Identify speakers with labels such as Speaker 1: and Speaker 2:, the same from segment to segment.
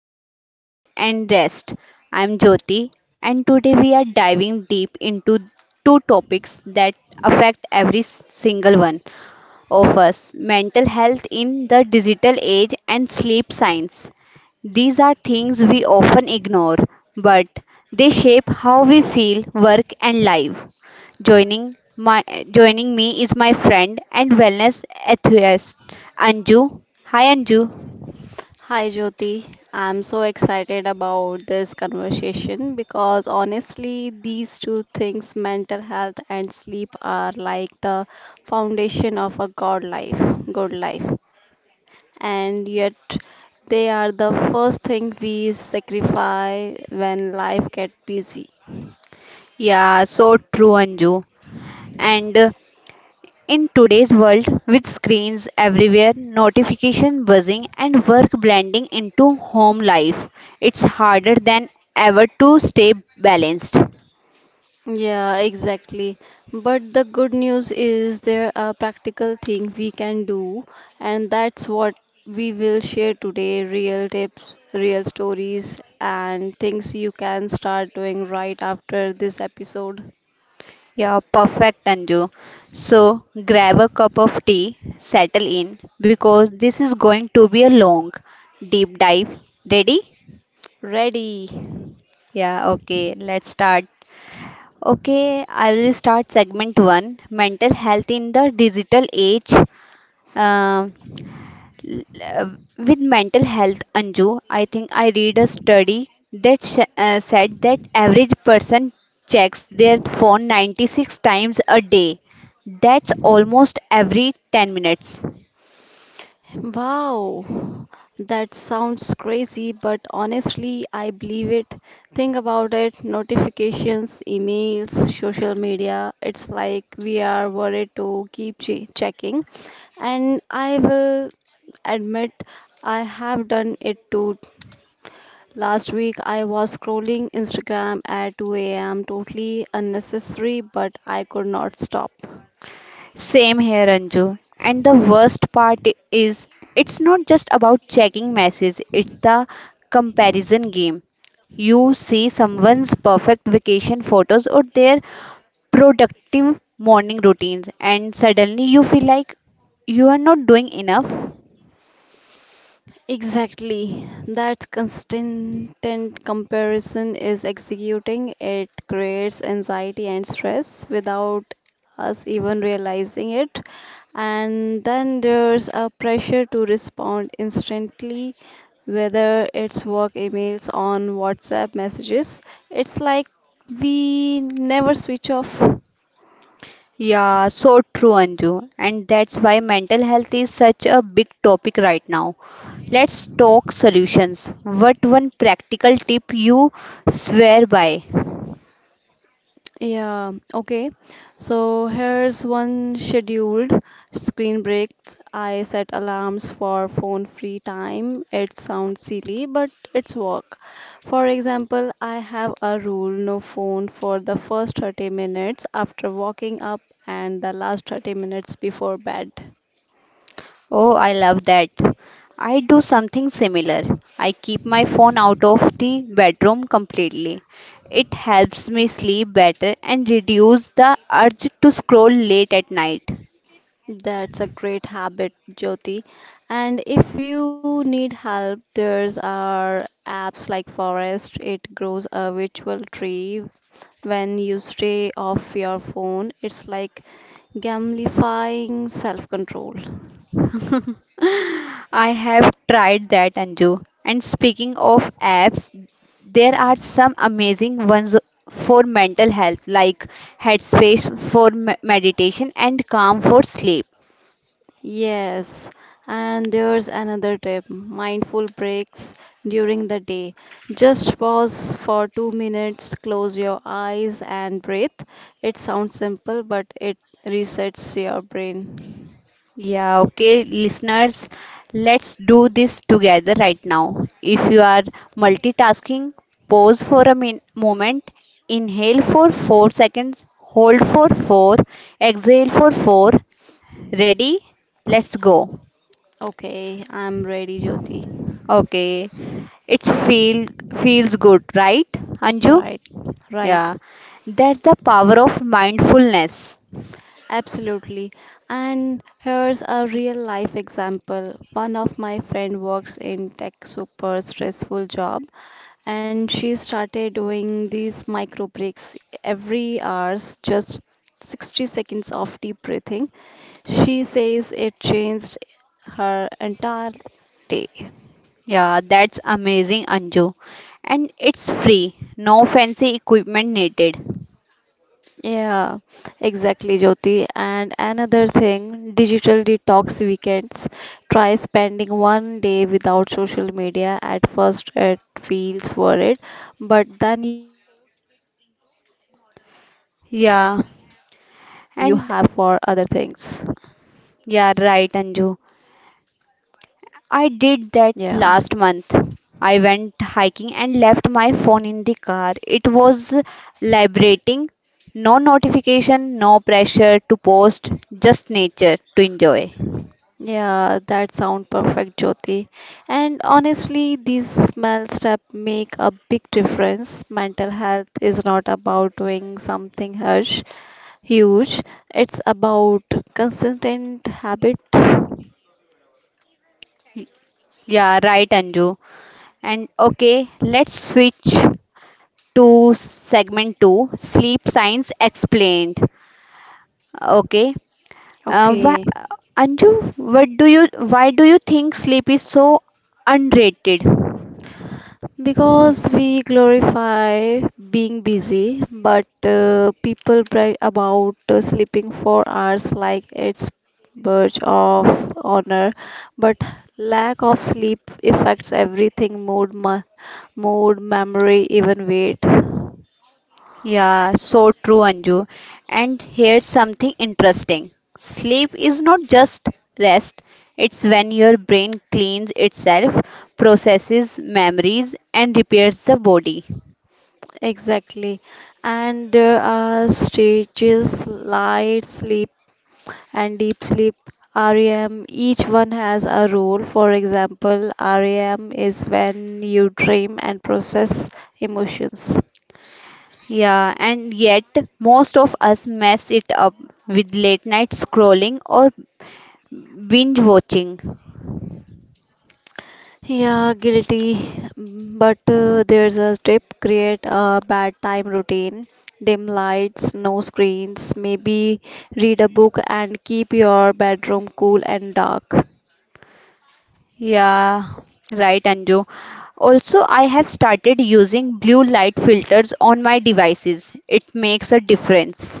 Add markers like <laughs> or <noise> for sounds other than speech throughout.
Speaker 1: welcome to Mind and Rest. I'm Jyoti and today we are diving deep into two topics that affect every single one of us, mental health in the digital age and sleep science. These are things we often ignore, but they shape how we feel, work, and live. Joining my joining me is my friend and wellness enthusiast Anju. Hi Anju.
Speaker 2: Hi Jyoti, I'm so excited about this conversation because honestly, these two things, mental health and sleep, are like the foundation of a good life, and yet they are the first thing we sacrifice when life gets busy.
Speaker 1: Yeah, so true, Anju. And in today's world, with screens everywhere, notification buzzing, and work blending into home life, it's harder than ever to stay balanced.
Speaker 2: Yeah, exactly. But the good news is there are practical things we can do, and that's what we will share today, real tips, real stories, and things you can start doing right after this episode.
Speaker 1: Yeah, perfect, Anju. So grab a cup of tea, settle in, because this is going to be a long, deep dive. Ready?
Speaker 2: Ready?
Speaker 1: Yeah, okay, let's start. Okay, I will start segment 1: Mental Health in the Digital Age. Um, l- uh, with mental health, Anju, I think I read a study that said that average person checks their phone 96 times a day. That's almost every 10 minutes.
Speaker 2: Wow, that sounds crazy, but honestly, I believe it. Think about it, notifications, emails, social media. It's like we are worried to keep checking. And I will admit, I have done it too. Last week, I was scrolling Instagram at 2 a.m., totally unnecessary, but I could not stop.
Speaker 1: Same here, Anju. And the worst part is it's not just about checking messages, it's the comparison game. You see someone's perfect vacation photos or their productive morning routines and suddenly you feel like you are not doing enough.
Speaker 2: Exactly. That constant comparison is executing. It creates anxiety and stress without us even realizing it. And then there's a pressure to respond instantly, whether it's work emails on WhatsApp messages. It's like we never switch off.
Speaker 1: Yeah, so true, Anju. And that's why mental health is such a big topic right now. Let's talk solutions. What one practical tip you swear by?
Speaker 2: Yeah, okay. So here's one, scheduled screen breaks. I set alarms for phone free time. It sounds silly, but it's work. For example, I have a rule, no phone for the first 30 minutes after waking up and the last 30 minutes before bed.
Speaker 1: Oh, I love that. I do something similar. I keep my phone out of the bedroom completely. It helps me sleep better and reduce the urge to scroll late at night.
Speaker 2: That's a great habit, Jyoti. And if you need help, there's our apps like Forest. It grows a virtual tree when you stay off your phone. It's like gamifying self-control.
Speaker 1: <laughs> I have tried that, Anju. And speaking of apps, there are some amazing ones for mental health, like Headspace for meditation and Calm for sleep.
Speaker 2: Yes, and there's another tip, mindful breaks during the day. Just pause for 2 minutes, close your eyes and breathe. It sounds simple but it resets your brain.
Speaker 1: Yeah, okay, listeners, let's do this together right now. If you are multitasking, pause for a moment, inhale for 4 seconds, hold for 4, exhale for 4. Ready? Let's go.
Speaker 2: Okay, I'm ready, Jyoti.
Speaker 1: Okay, it feels good, right?
Speaker 2: Right.
Speaker 1: Anju?
Speaker 2: Right.
Speaker 1: Yeah, that's the power of mindfulness.
Speaker 2: Absolutely. And here's a real life example. One of my friend works in tech, super stressful job, and she started doing these micro breaks every hours, just 60 seconds of deep breathing. She says it changed her entire day.
Speaker 1: Yeah, that's amazing, Anju. And it's free, no fancy equipment needed.
Speaker 2: Yeah, exactly, Jyoti. And another thing, digital detox weekends. Try spending one day without social media. At first, it feels worried, but then you realize how much time you have for other
Speaker 1: Yeah,
Speaker 2: things.
Speaker 1: and yeah, right, Anju. I
Speaker 2: Yeah.
Speaker 1: did that last month. I went hiking and left my phone in the car. It was liberating. No notification, no pressure to post, just nature to enjoy.
Speaker 2: Yeah, that sound perfect, Jyoti. And honestly, these small steps make a big difference. Mental health is not about doing something harsh. Huge. It's about consistent habit.
Speaker 1: Yeah, right, Anju. And okay, let's switch to segment two, sleep science explained. Okay. Why,
Speaker 2: Okay.
Speaker 1: Anju, why do you think sleep is so underrated?
Speaker 2: Because we glorify being busy, but people brag about sleeping 4 hours like it's badge of honor. But lack of sleep affects everything: mood, mood, memory, even weight.
Speaker 1: Yeah, so true, Anju. And here's something interesting. Sleep is not just rest, it's when your brain cleans itself, processes memories, and repairs the body.
Speaker 2: Exactly. And there are stages, light sleep and deep sleep, REM, each one has a role. For example, REM is when you dream and process emotions.
Speaker 1: Yeah, and yet most of us mess it up with late night scrolling or binge watching.
Speaker 2: Yeah, guilty. But there's a tip, create a bedtime routine, dim lights, no screens, maybe read a book and keep your bedroom cool and dark.
Speaker 1: Yeah, right, Anju. Also, I have started using blue light filters on my devices. It makes a difference.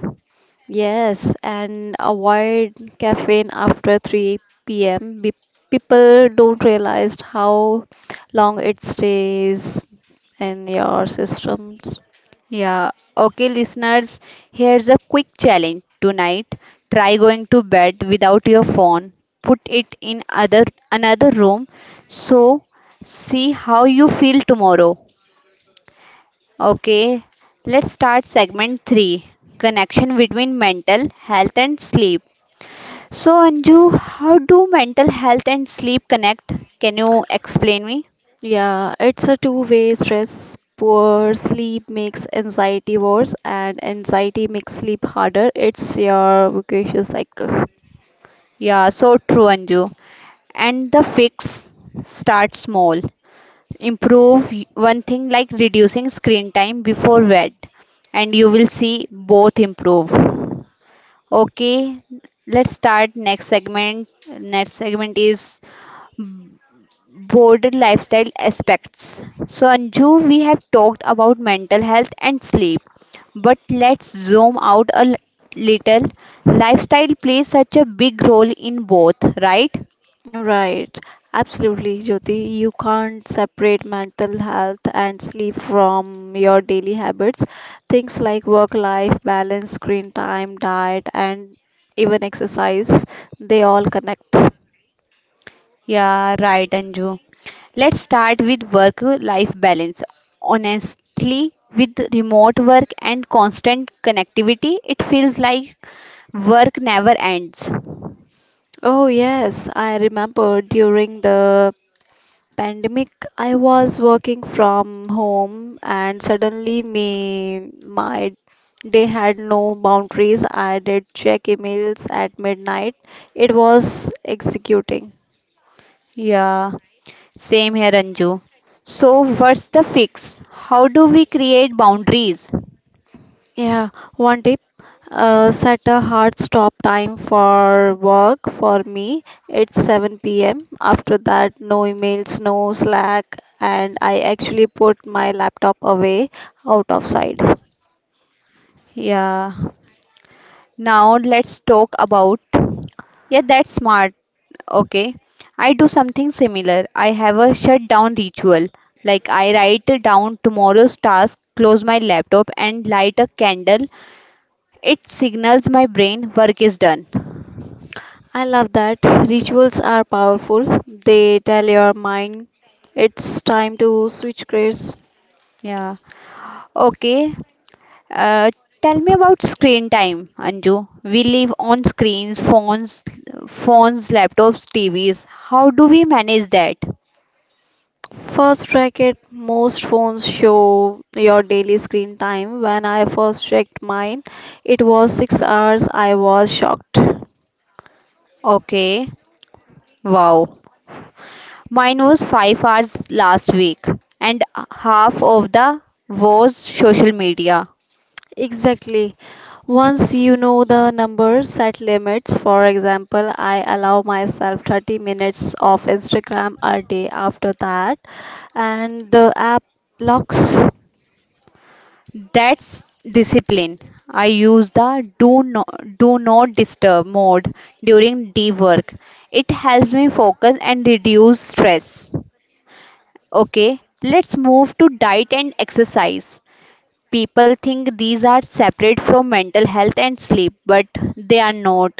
Speaker 2: Yes, and avoid caffeine after 3 p.m. People don't realize how long it stays in your systems.
Speaker 1: Yeah, okay, listeners, here's a quick challenge tonight. Try going to bed without your phone. Put it in other another room so see how you feel tomorrow. Okay, let's start segment 3: connection between mental health and sleep. So, Anju, how do mental health and sleep connect? Can you explain me?
Speaker 2: Yeah, it's a two-way stress. Poor sleep makes anxiety worse, and anxiety makes sleep harder. It's your vicious cycle.
Speaker 1: Yeah, so true, Anju. And the fix, start small. Improve one thing like reducing screen time before bed, and you will see both improve. Okay, let's start next segment. Next segment is Border lifestyle aspects. So, Anju, we have talked about mental health and sleep, but let's zoom out a little. Lifestyle plays such a big role in both, right?
Speaker 2: Right, absolutely, Jyoti. You can't separate mental health and sleep from your daily habits. Things like work-life balance, screen time, diet, and even exercise, they all connect.
Speaker 1: Yeah, right, Anju. Let's start with work life balance. Honestly, with remote work and constant connectivity, it feels like work never ends.
Speaker 2: Oh, yes, I remember during the pandemic, I was working from home and suddenly my day had no boundaries. I did check emails at midnight. It was executing.
Speaker 1: Yeah. Same here, Anju. So, what's the fix? How do we create boundaries?
Speaker 2: Yeah, one tip. Set a hard stop time for work for me. It's 7 p.m. After that, no emails, no Slack, and I actually put my laptop away out of sight.
Speaker 1: Yeah. Now, let's talk about. Yeah, that's smart. Okay. I do something similar. I have a shutdown ritual. Like, I write down tomorrow's task, close my laptop, and light a candle. It signals my brain work is done.
Speaker 2: I love that. Rituals are powerful. They tell your mind it's time to switch gears.
Speaker 1: Yeah. Okay. Uh, Tell me about screen time, Anju. We live on screens, phones, laptops, TVs. How do we manage that?
Speaker 2: First track it, most phones show your daily screen time. When I first checked mine, it was 6 hours. I was shocked.
Speaker 1: Okay, wow. Mine was 5 hours last week, and half of the was social media.
Speaker 2: Exactly. Once you know the number, set limits. For example, I allow myself 30 minutes of Instagram a day, after that, and the app locks.
Speaker 1: That's discipline. I use the do not disturb mode during deep work. It helps me focus and reduce stress. Okay, let's move to diet and exercise. People think these are separate from mental health and sleep, but they are not.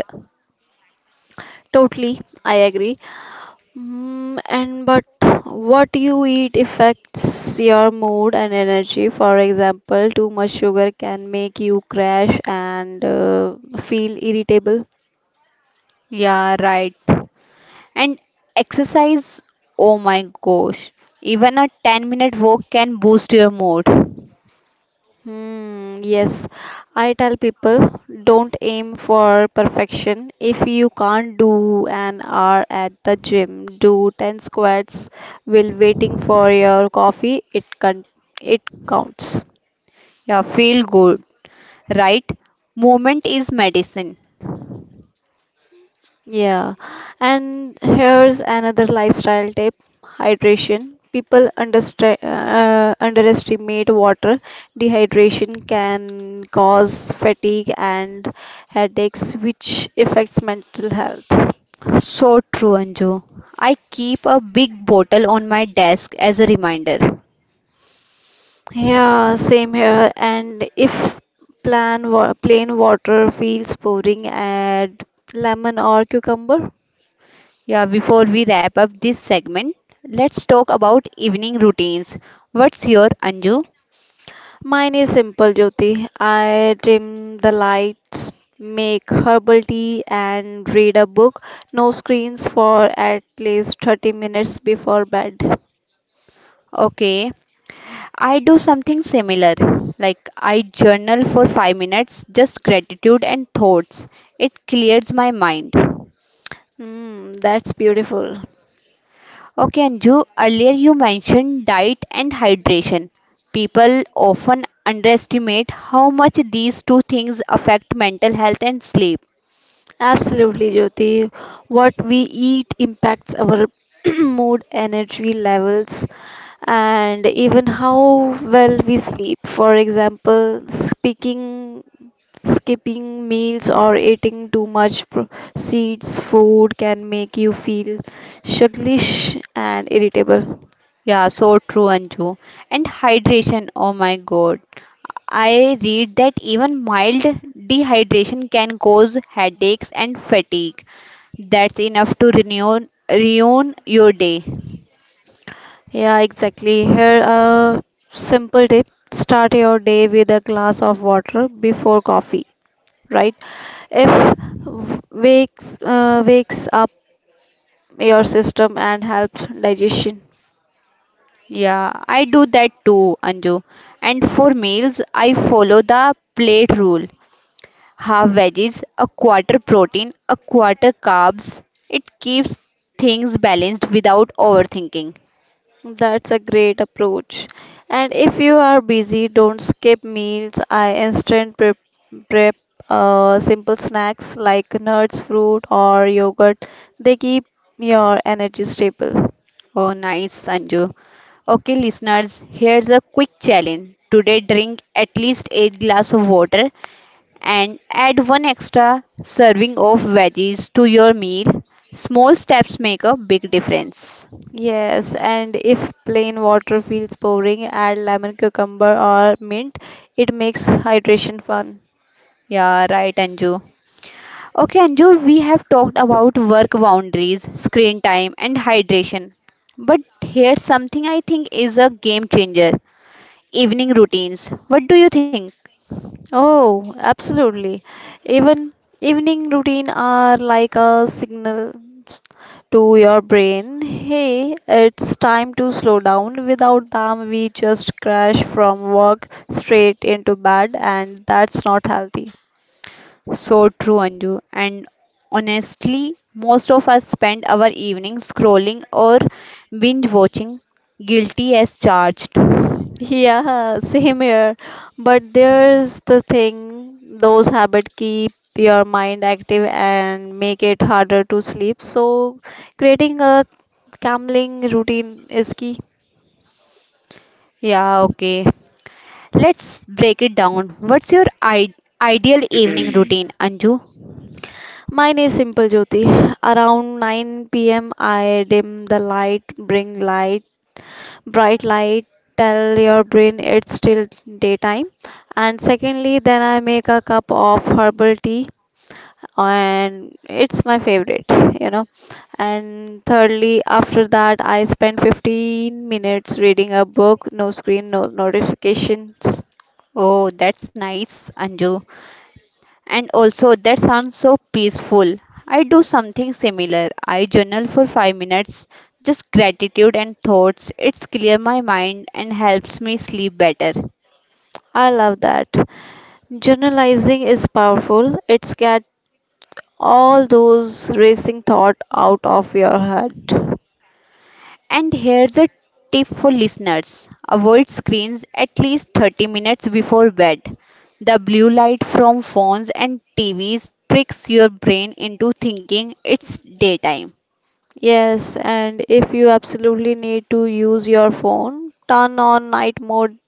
Speaker 2: Totally, I agree. And but what you eat affects your mood and energy. For example, too much sugar can make you crash and feel irritable.
Speaker 1: Yeah, right. And exercise, oh my gosh, even a 10-minute walk can boost your mood.
Speaker 2: Hmm, yes, I tell people, don't aim for perfection. If you can't do an hour at the gym, do 10 squats while waiting for your coffee. It counts.
Speaker 1: Yeah, feel good, right? Movement is medicine.
Speaker 2: Yeah, and here's another lifestyle tip, hydration. People underestimate water. Dehydration can cause fatigue and headaches, which affects mental health.
Speaker 1: So true, Anju. I keep a big bottle on my desk as a reminder.
Speaker 2: Yeah, same here. And if plain water feels boring, add lemon or cucumber.
Speaker 1: Yeah, before we wrap up this segment, let's talk about evening routines. What's your, Anju?
Speaker 2: Mine is simple, Jyoti. I dim the lights, make herbal tea, and read a book. No screens for at least 30 minutes before bed.
Speaker 1: Okay, I do something similar. Like I journal for 5 minutes, just gratitude and thoughts. It clears my mind.
Speaker 2: Hmm, that's beautiful.
Speaker 1: Okay, Anju, earlier you mentioned diet and hydration. People often underestimate how much these two things affect mental health and sleep.
Speaker 2: Absolutely, Jyoti. What we eat impacts our <clears throat> mood, energy levels, and even how well we sleep. For example, speaking Skipping meals or eating too much seeds food can make you feel sluggish and irritable.
Speaker 1: Yeah, so true, Anju. And hydration, oh my God. I read that even mild dehydration can cause headaches and fatigue. That's enough to ruin your day.
Speaker 2: Yeah, exactly. Here, a simple tip, start your day with a glass of water before coffee, right? If wakes up your system and helps digestion.
Speaker 1: Yeah, I do that too, Anju. And for meals, I follow the plate rule. Half veggies, a quarter protein, a quarter carbs. It keeps things balanced without overthinking.
Speaker 2: That's a great approach. And if you are busy, don't skip meals. I instant prep simple snacks like nuts, fruit, or yogurt. They keep your energy stable.
Speaker 1: Oh, nice, Sanju. Okay, listeners, here's a quick challenge. Today, drink at least 8 glass of water and add one extra serving of veggies to your meal. Small steps make a big difference.
Speaker 2: Yes, and if plain water feels boring, add lemon, cucumber, or mint. It makes hydration fun.
Speaker 1: Yeah, right, Anju. Okay, Anju, we have talked about work boundaries, screen time, and hydration. But here's something I think is a game changer, evening routines. What do you think?
Speaker 2: Oh, absolutely. Even evening routine are like a signal to your brain, hey, it's time to slow down. Without them, we just crash from work straight into bed, and that's not healthy.
Speaker 1: So true, Anju. And honestly, most of us spend our evenings scrolling or binge watching, guilty as charged.
Speaker 2: Yeah, <laughs> same here. But there's the thing, those habits keep your mind active and make it harder to sleep. So, creating a calming routine is key.
Speaker 1: Yeah, okay. Let's break it down. What's your ideal evening routine, Anju?
Speaker 2: Mine is simple, Jyoti. Around 9 p.m., I dim the light, bright light, tell your brain it's still daytime. And secondly, then I make a cup of herbal tea, and it's my favorite, you know. And thirdly, after that, I spend 15 minutes reading a book, no screen, no notifications.
Speaker 1: Oh, that's nice, Anju. And also, that sounds so peaceful. I do something similar. I journal for 5 minutes, just gratitude and thoughts. It's clear my mind and helps me sleep better.
Speaker 2: I love that. Journalizing is powerful. It's get all those racing thought out of your head.
Speaker 1: And here's a tip for listeners, avoid screens at least 30 minutes before bed. The blue light from phones and TVs tricks your brain into thinking it's daytime.
Speaker 2: Yes, and if you absolutely need to use your phone, turn on night mode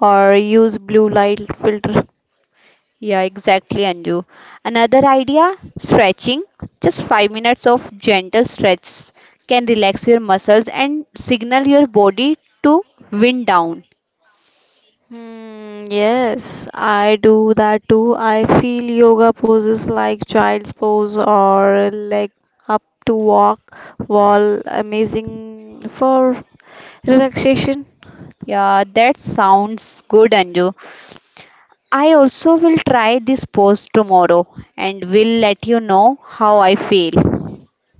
Speaker 2: or use blue light filter.
Speaker 1: Yeah, exactly, Anju. Another idea, stretching. Just 5 minutes of gentle stretch can relax your muscles and signal your body to wind down.
Speaker 2: Hmm, yes, I do that too. I feel yoga poses like child's pose or leg up to walk wall, amazing for relaxation.
Speaker 1: Yeah, that sounds good, Anju. I also will try this post tomorrow and will let you know how I feel.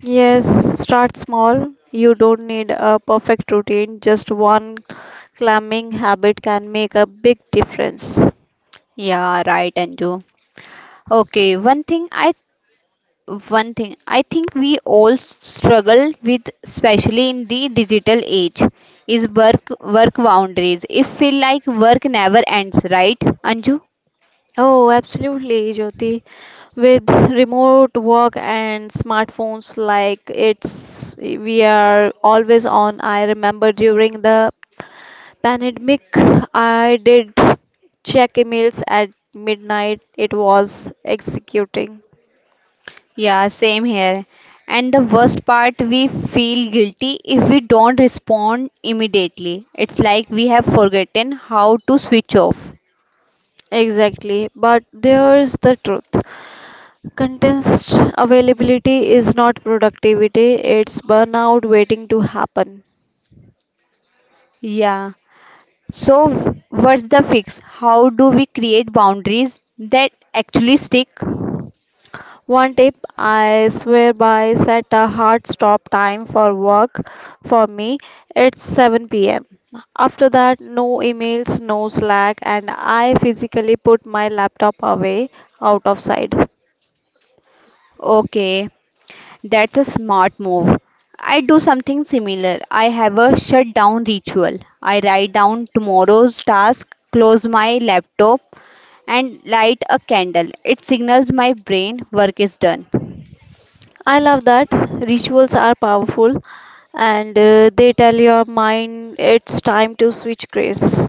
Speaker 2: Yes, start small. You don't need a perfect routine, just one climbing habit can make a big difference.
Speaker 1: Yeah, right, Anju. Okay, one thing I think we all struggle with, especially in the digital age, is work boundaries. If feel like work never ends, right, Anju?
Speaker 2: Oh, absolutely, Jyoti. With remote work and smartphones, like it's we are always on. I remember during the pandemic, I did check emails at midnight. It was executing.
Speaker 1: Yeah, same here. And the worst part, we feel guilty if we don't respond immediately. It's like we have forgotten how to switch off.
Speaker 2: Exactly, but there's the truth. Contest availability is not productivity, it's burnout waiting to happen.
Speaker 1: Yeah. So, what's the fix? How do we create boundaries that actually stick?
Speaker 2: One tip I swear by, set a hard stop time for work for me, it's 7 pm. After that, no emails, no Slack, and I physically put my laptop away out of sight.
Speaker 1: Okay, that's a smart move. I do something similar. I have a shutdown ritual. I write down tomorrow's task, close my laptop, and light a candle. It signals my brain work is done.
Speaker 2: I love that. Rituals are powerful, and they tell your mind it's time to switch gears.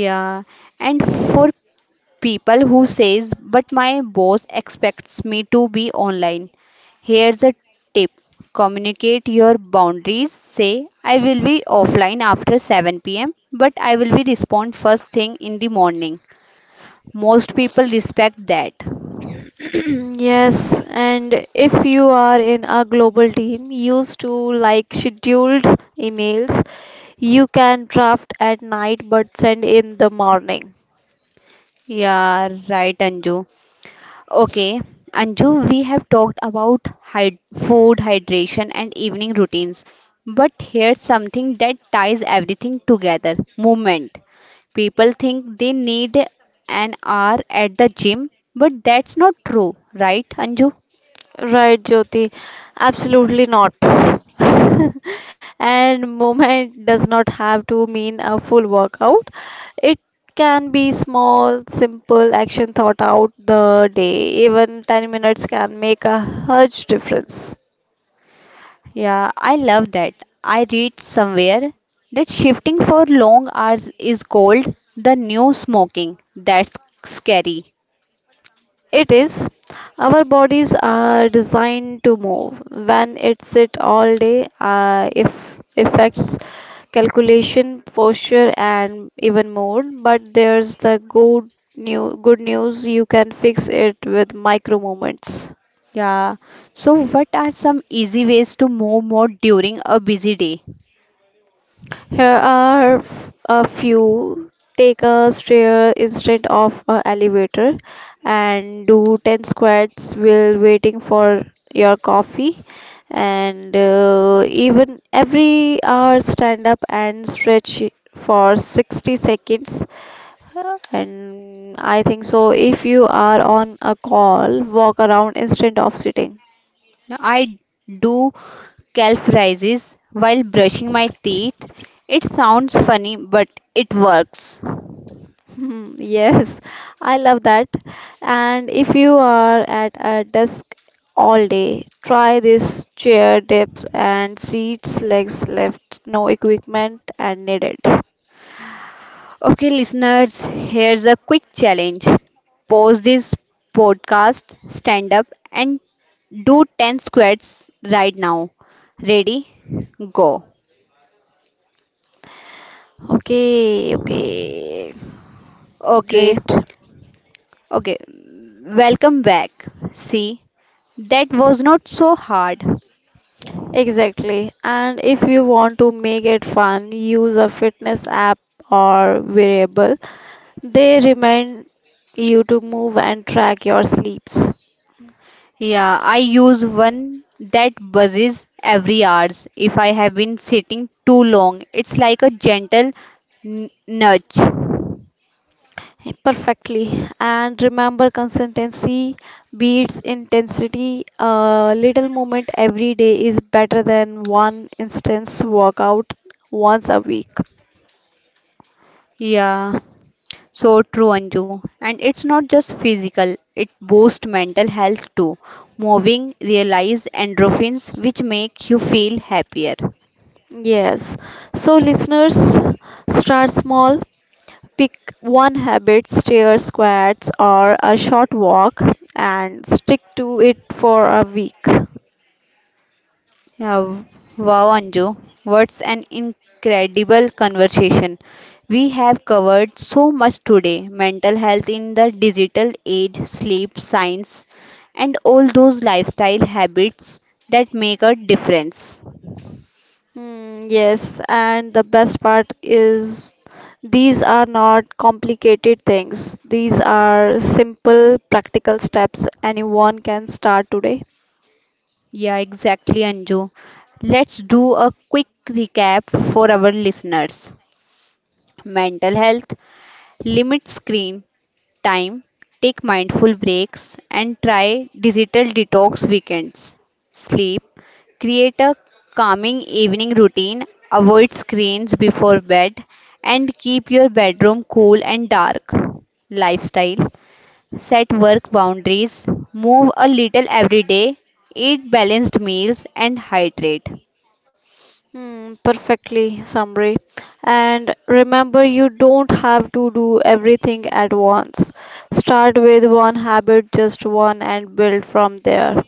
Speaker 1: Yeah, and for people who says, but my boss expects me to be online. Here's a tip. Communicate your boundaries. Say, I will be offline after 7 p.m., but I will be respond first thing in the morning. Most people respect that.
Speaker 2: <clears throat> Yes, and if you are in a global team used to like scheduled emails, you can draft at night but send in the morning.
Speaker 1: Yeah, right, Anju. Okay, Anju, we have talked about food, hydration, and evening routines. But here's something that ties everything together, movement. People think they need an hour at the gym, but that's not true, right, Anju?
Speaker 2: Right, Jyoti? Absolutely not. <laughs> And movement does not have to mean a full workout. It can be small, simple action thought out the day. Even 10 minutes can make a huge difference.
Speaker 1: Yeah, I love that. I read somewhere that shifting for long hours is called the new smoking. That's scary.
Speaker 2: It is. Our bodies are designed to move. When it sit all day, if affects calculation, posture, and even mood. But there's the good news. You can fix it with micro movements.
Speaker 1: Yeah. So, what are some easy ways to move more during a busy day?
Speaker 2: Here are a few. Take a stair instead of a elevator and do 10 squats while waiting for your coffee. And even every hour, stand up and stretch for 60 seconds. And I think so, if you are on a call, walk around instead of sitting.
Speaker 1: Now, I do calf raises while brushing my teeth. It sounds funny, but it works.
Speaker 2: <laughs> Hmm, yes, I love that. And if you are at a desk all day, try this, chair dips and seats, legs left, no equipment and needed.
Speaker 1: Okay, listeners, here's a quick challenge. Pause this podcast, stand up, and do 10 squats right now. Ready? Go.
Speaker 2: Okay, okay,
Speaker 1: Okay,
Speaker 2: great.
Speaker 1: Okay, welcome back. See, that was not so hard.
Speaker 2: Exactly. And if you want to make it fun, use a fitness app or wearable. They remind you to move and track your sleeps.
Speaker 1: Yeah, I use one that buzzes every hours. If I have been sitting too long, it's like a gentle nudge.
Speaker 2: Perfectly. And remember, consistency beats intensity. A little movement every day is better than one intense workout once a week.
Speaker 1: Yeah, so true, Anju. And it's not just physical, it boosts mental health too. Moving, realize endorphins, which make you feel happier.
Speaker 2: Yes. So, listeners, start small. Pick one habit, stair squats, or a short walk, and stick to it for a week.
Speaker 1: Yeah, wow, Anju, what's an incredible conversation. We have covered so much today, mental health in the digital age, sleep science, and all those lifestyle habits that make a difference.
Speaker 2: Mm, yes, and the best part is, these are not complicated things. These are simple, practical steps anyone can start today.
Speaker 1: Yeah, exactly, Anju. Let's do a quick recap for our listeners. Mental health, limit screen time, take mindful breaks, and try digital detox weekends. Sleep, create a calming evening routine, avoid screens before bed, and keep your bedroom cool and dark. Lifestyle, set work boundaries, move a little every day, eat balanced meals, and hydrate.
Speaker 2: Hmm, perfectly summary. And remember, you don't have to do everything at once. Start with one habit, just one, and build from there.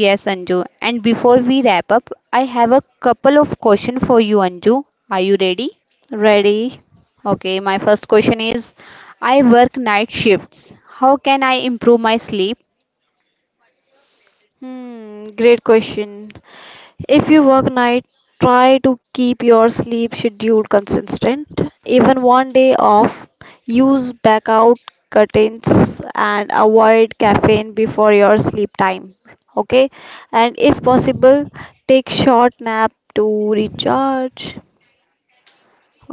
Speaker 1: Yes, Anju. And before we wrap up, I have a couple of questions for you, Anju. Are you ready?
Speaker 2: Ready?
Speaker 1: Okay, my first question is I work night shifts. How can I improve my sleep?
Speaker 2: Hmm, great question. If you work night, try to keep your sleep schedule consistent. Even one day off, use blackout curtains and avoid caffeine before your sleep time. Okay, and if possible, take short nap to recharge.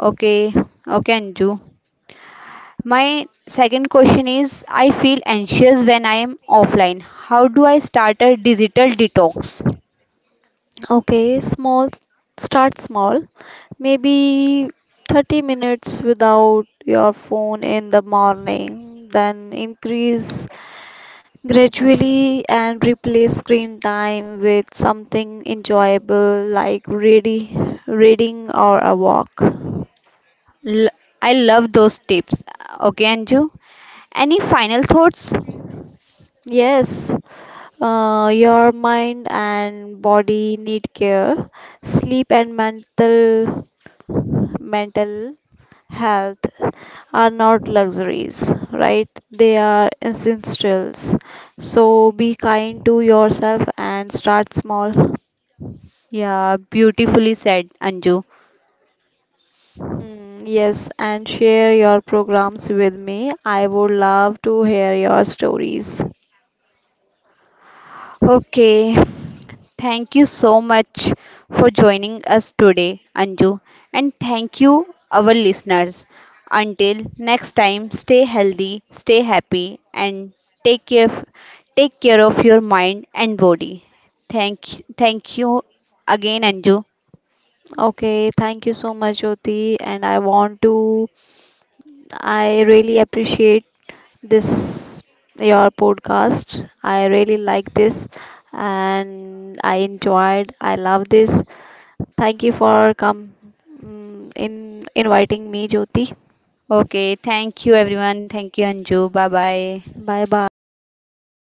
Speaker 1: Okay, okay, Anju. My second question is I feel anxious when I am offline. How do I start a digital detox?
Speaker 2: Okay, small start small, maybe 30 minutes without your phone in the morning, then increase gradually and replace screen time with something enjoyable like reading or a walk.
Speaker 1: L- I love those tips. Okay, Anju. Any final thoughts?
Speaker 2: Yes, your mind and body need care. Sleep and mental health are not luxuries, right? They are essentials. So be kind to yourself and start small.
Speaker 1: Yeah, beautifully said, Anju.
Speaker 2: Hmm, yes, and share your programs with me. I would love to hear your stories.
Speaker 1: Okay, thank you so much for joining us today, Anju, and thank you, our listeners. Until next time, stay healthy, stay happy, and take care, take care of your mind and body. Thank you again, Anju.
Speaker 2: Okay, thank you so much, Jyoti. And I really appreciate this, your podcast. I really like this and I love this. Thank you for come mm, in inviting me, Jyoti.
Speaker 1: Okay, thank you, everyone. Thank you, Anju. Bye bye.
Speaker 2: Bye bye. Take care.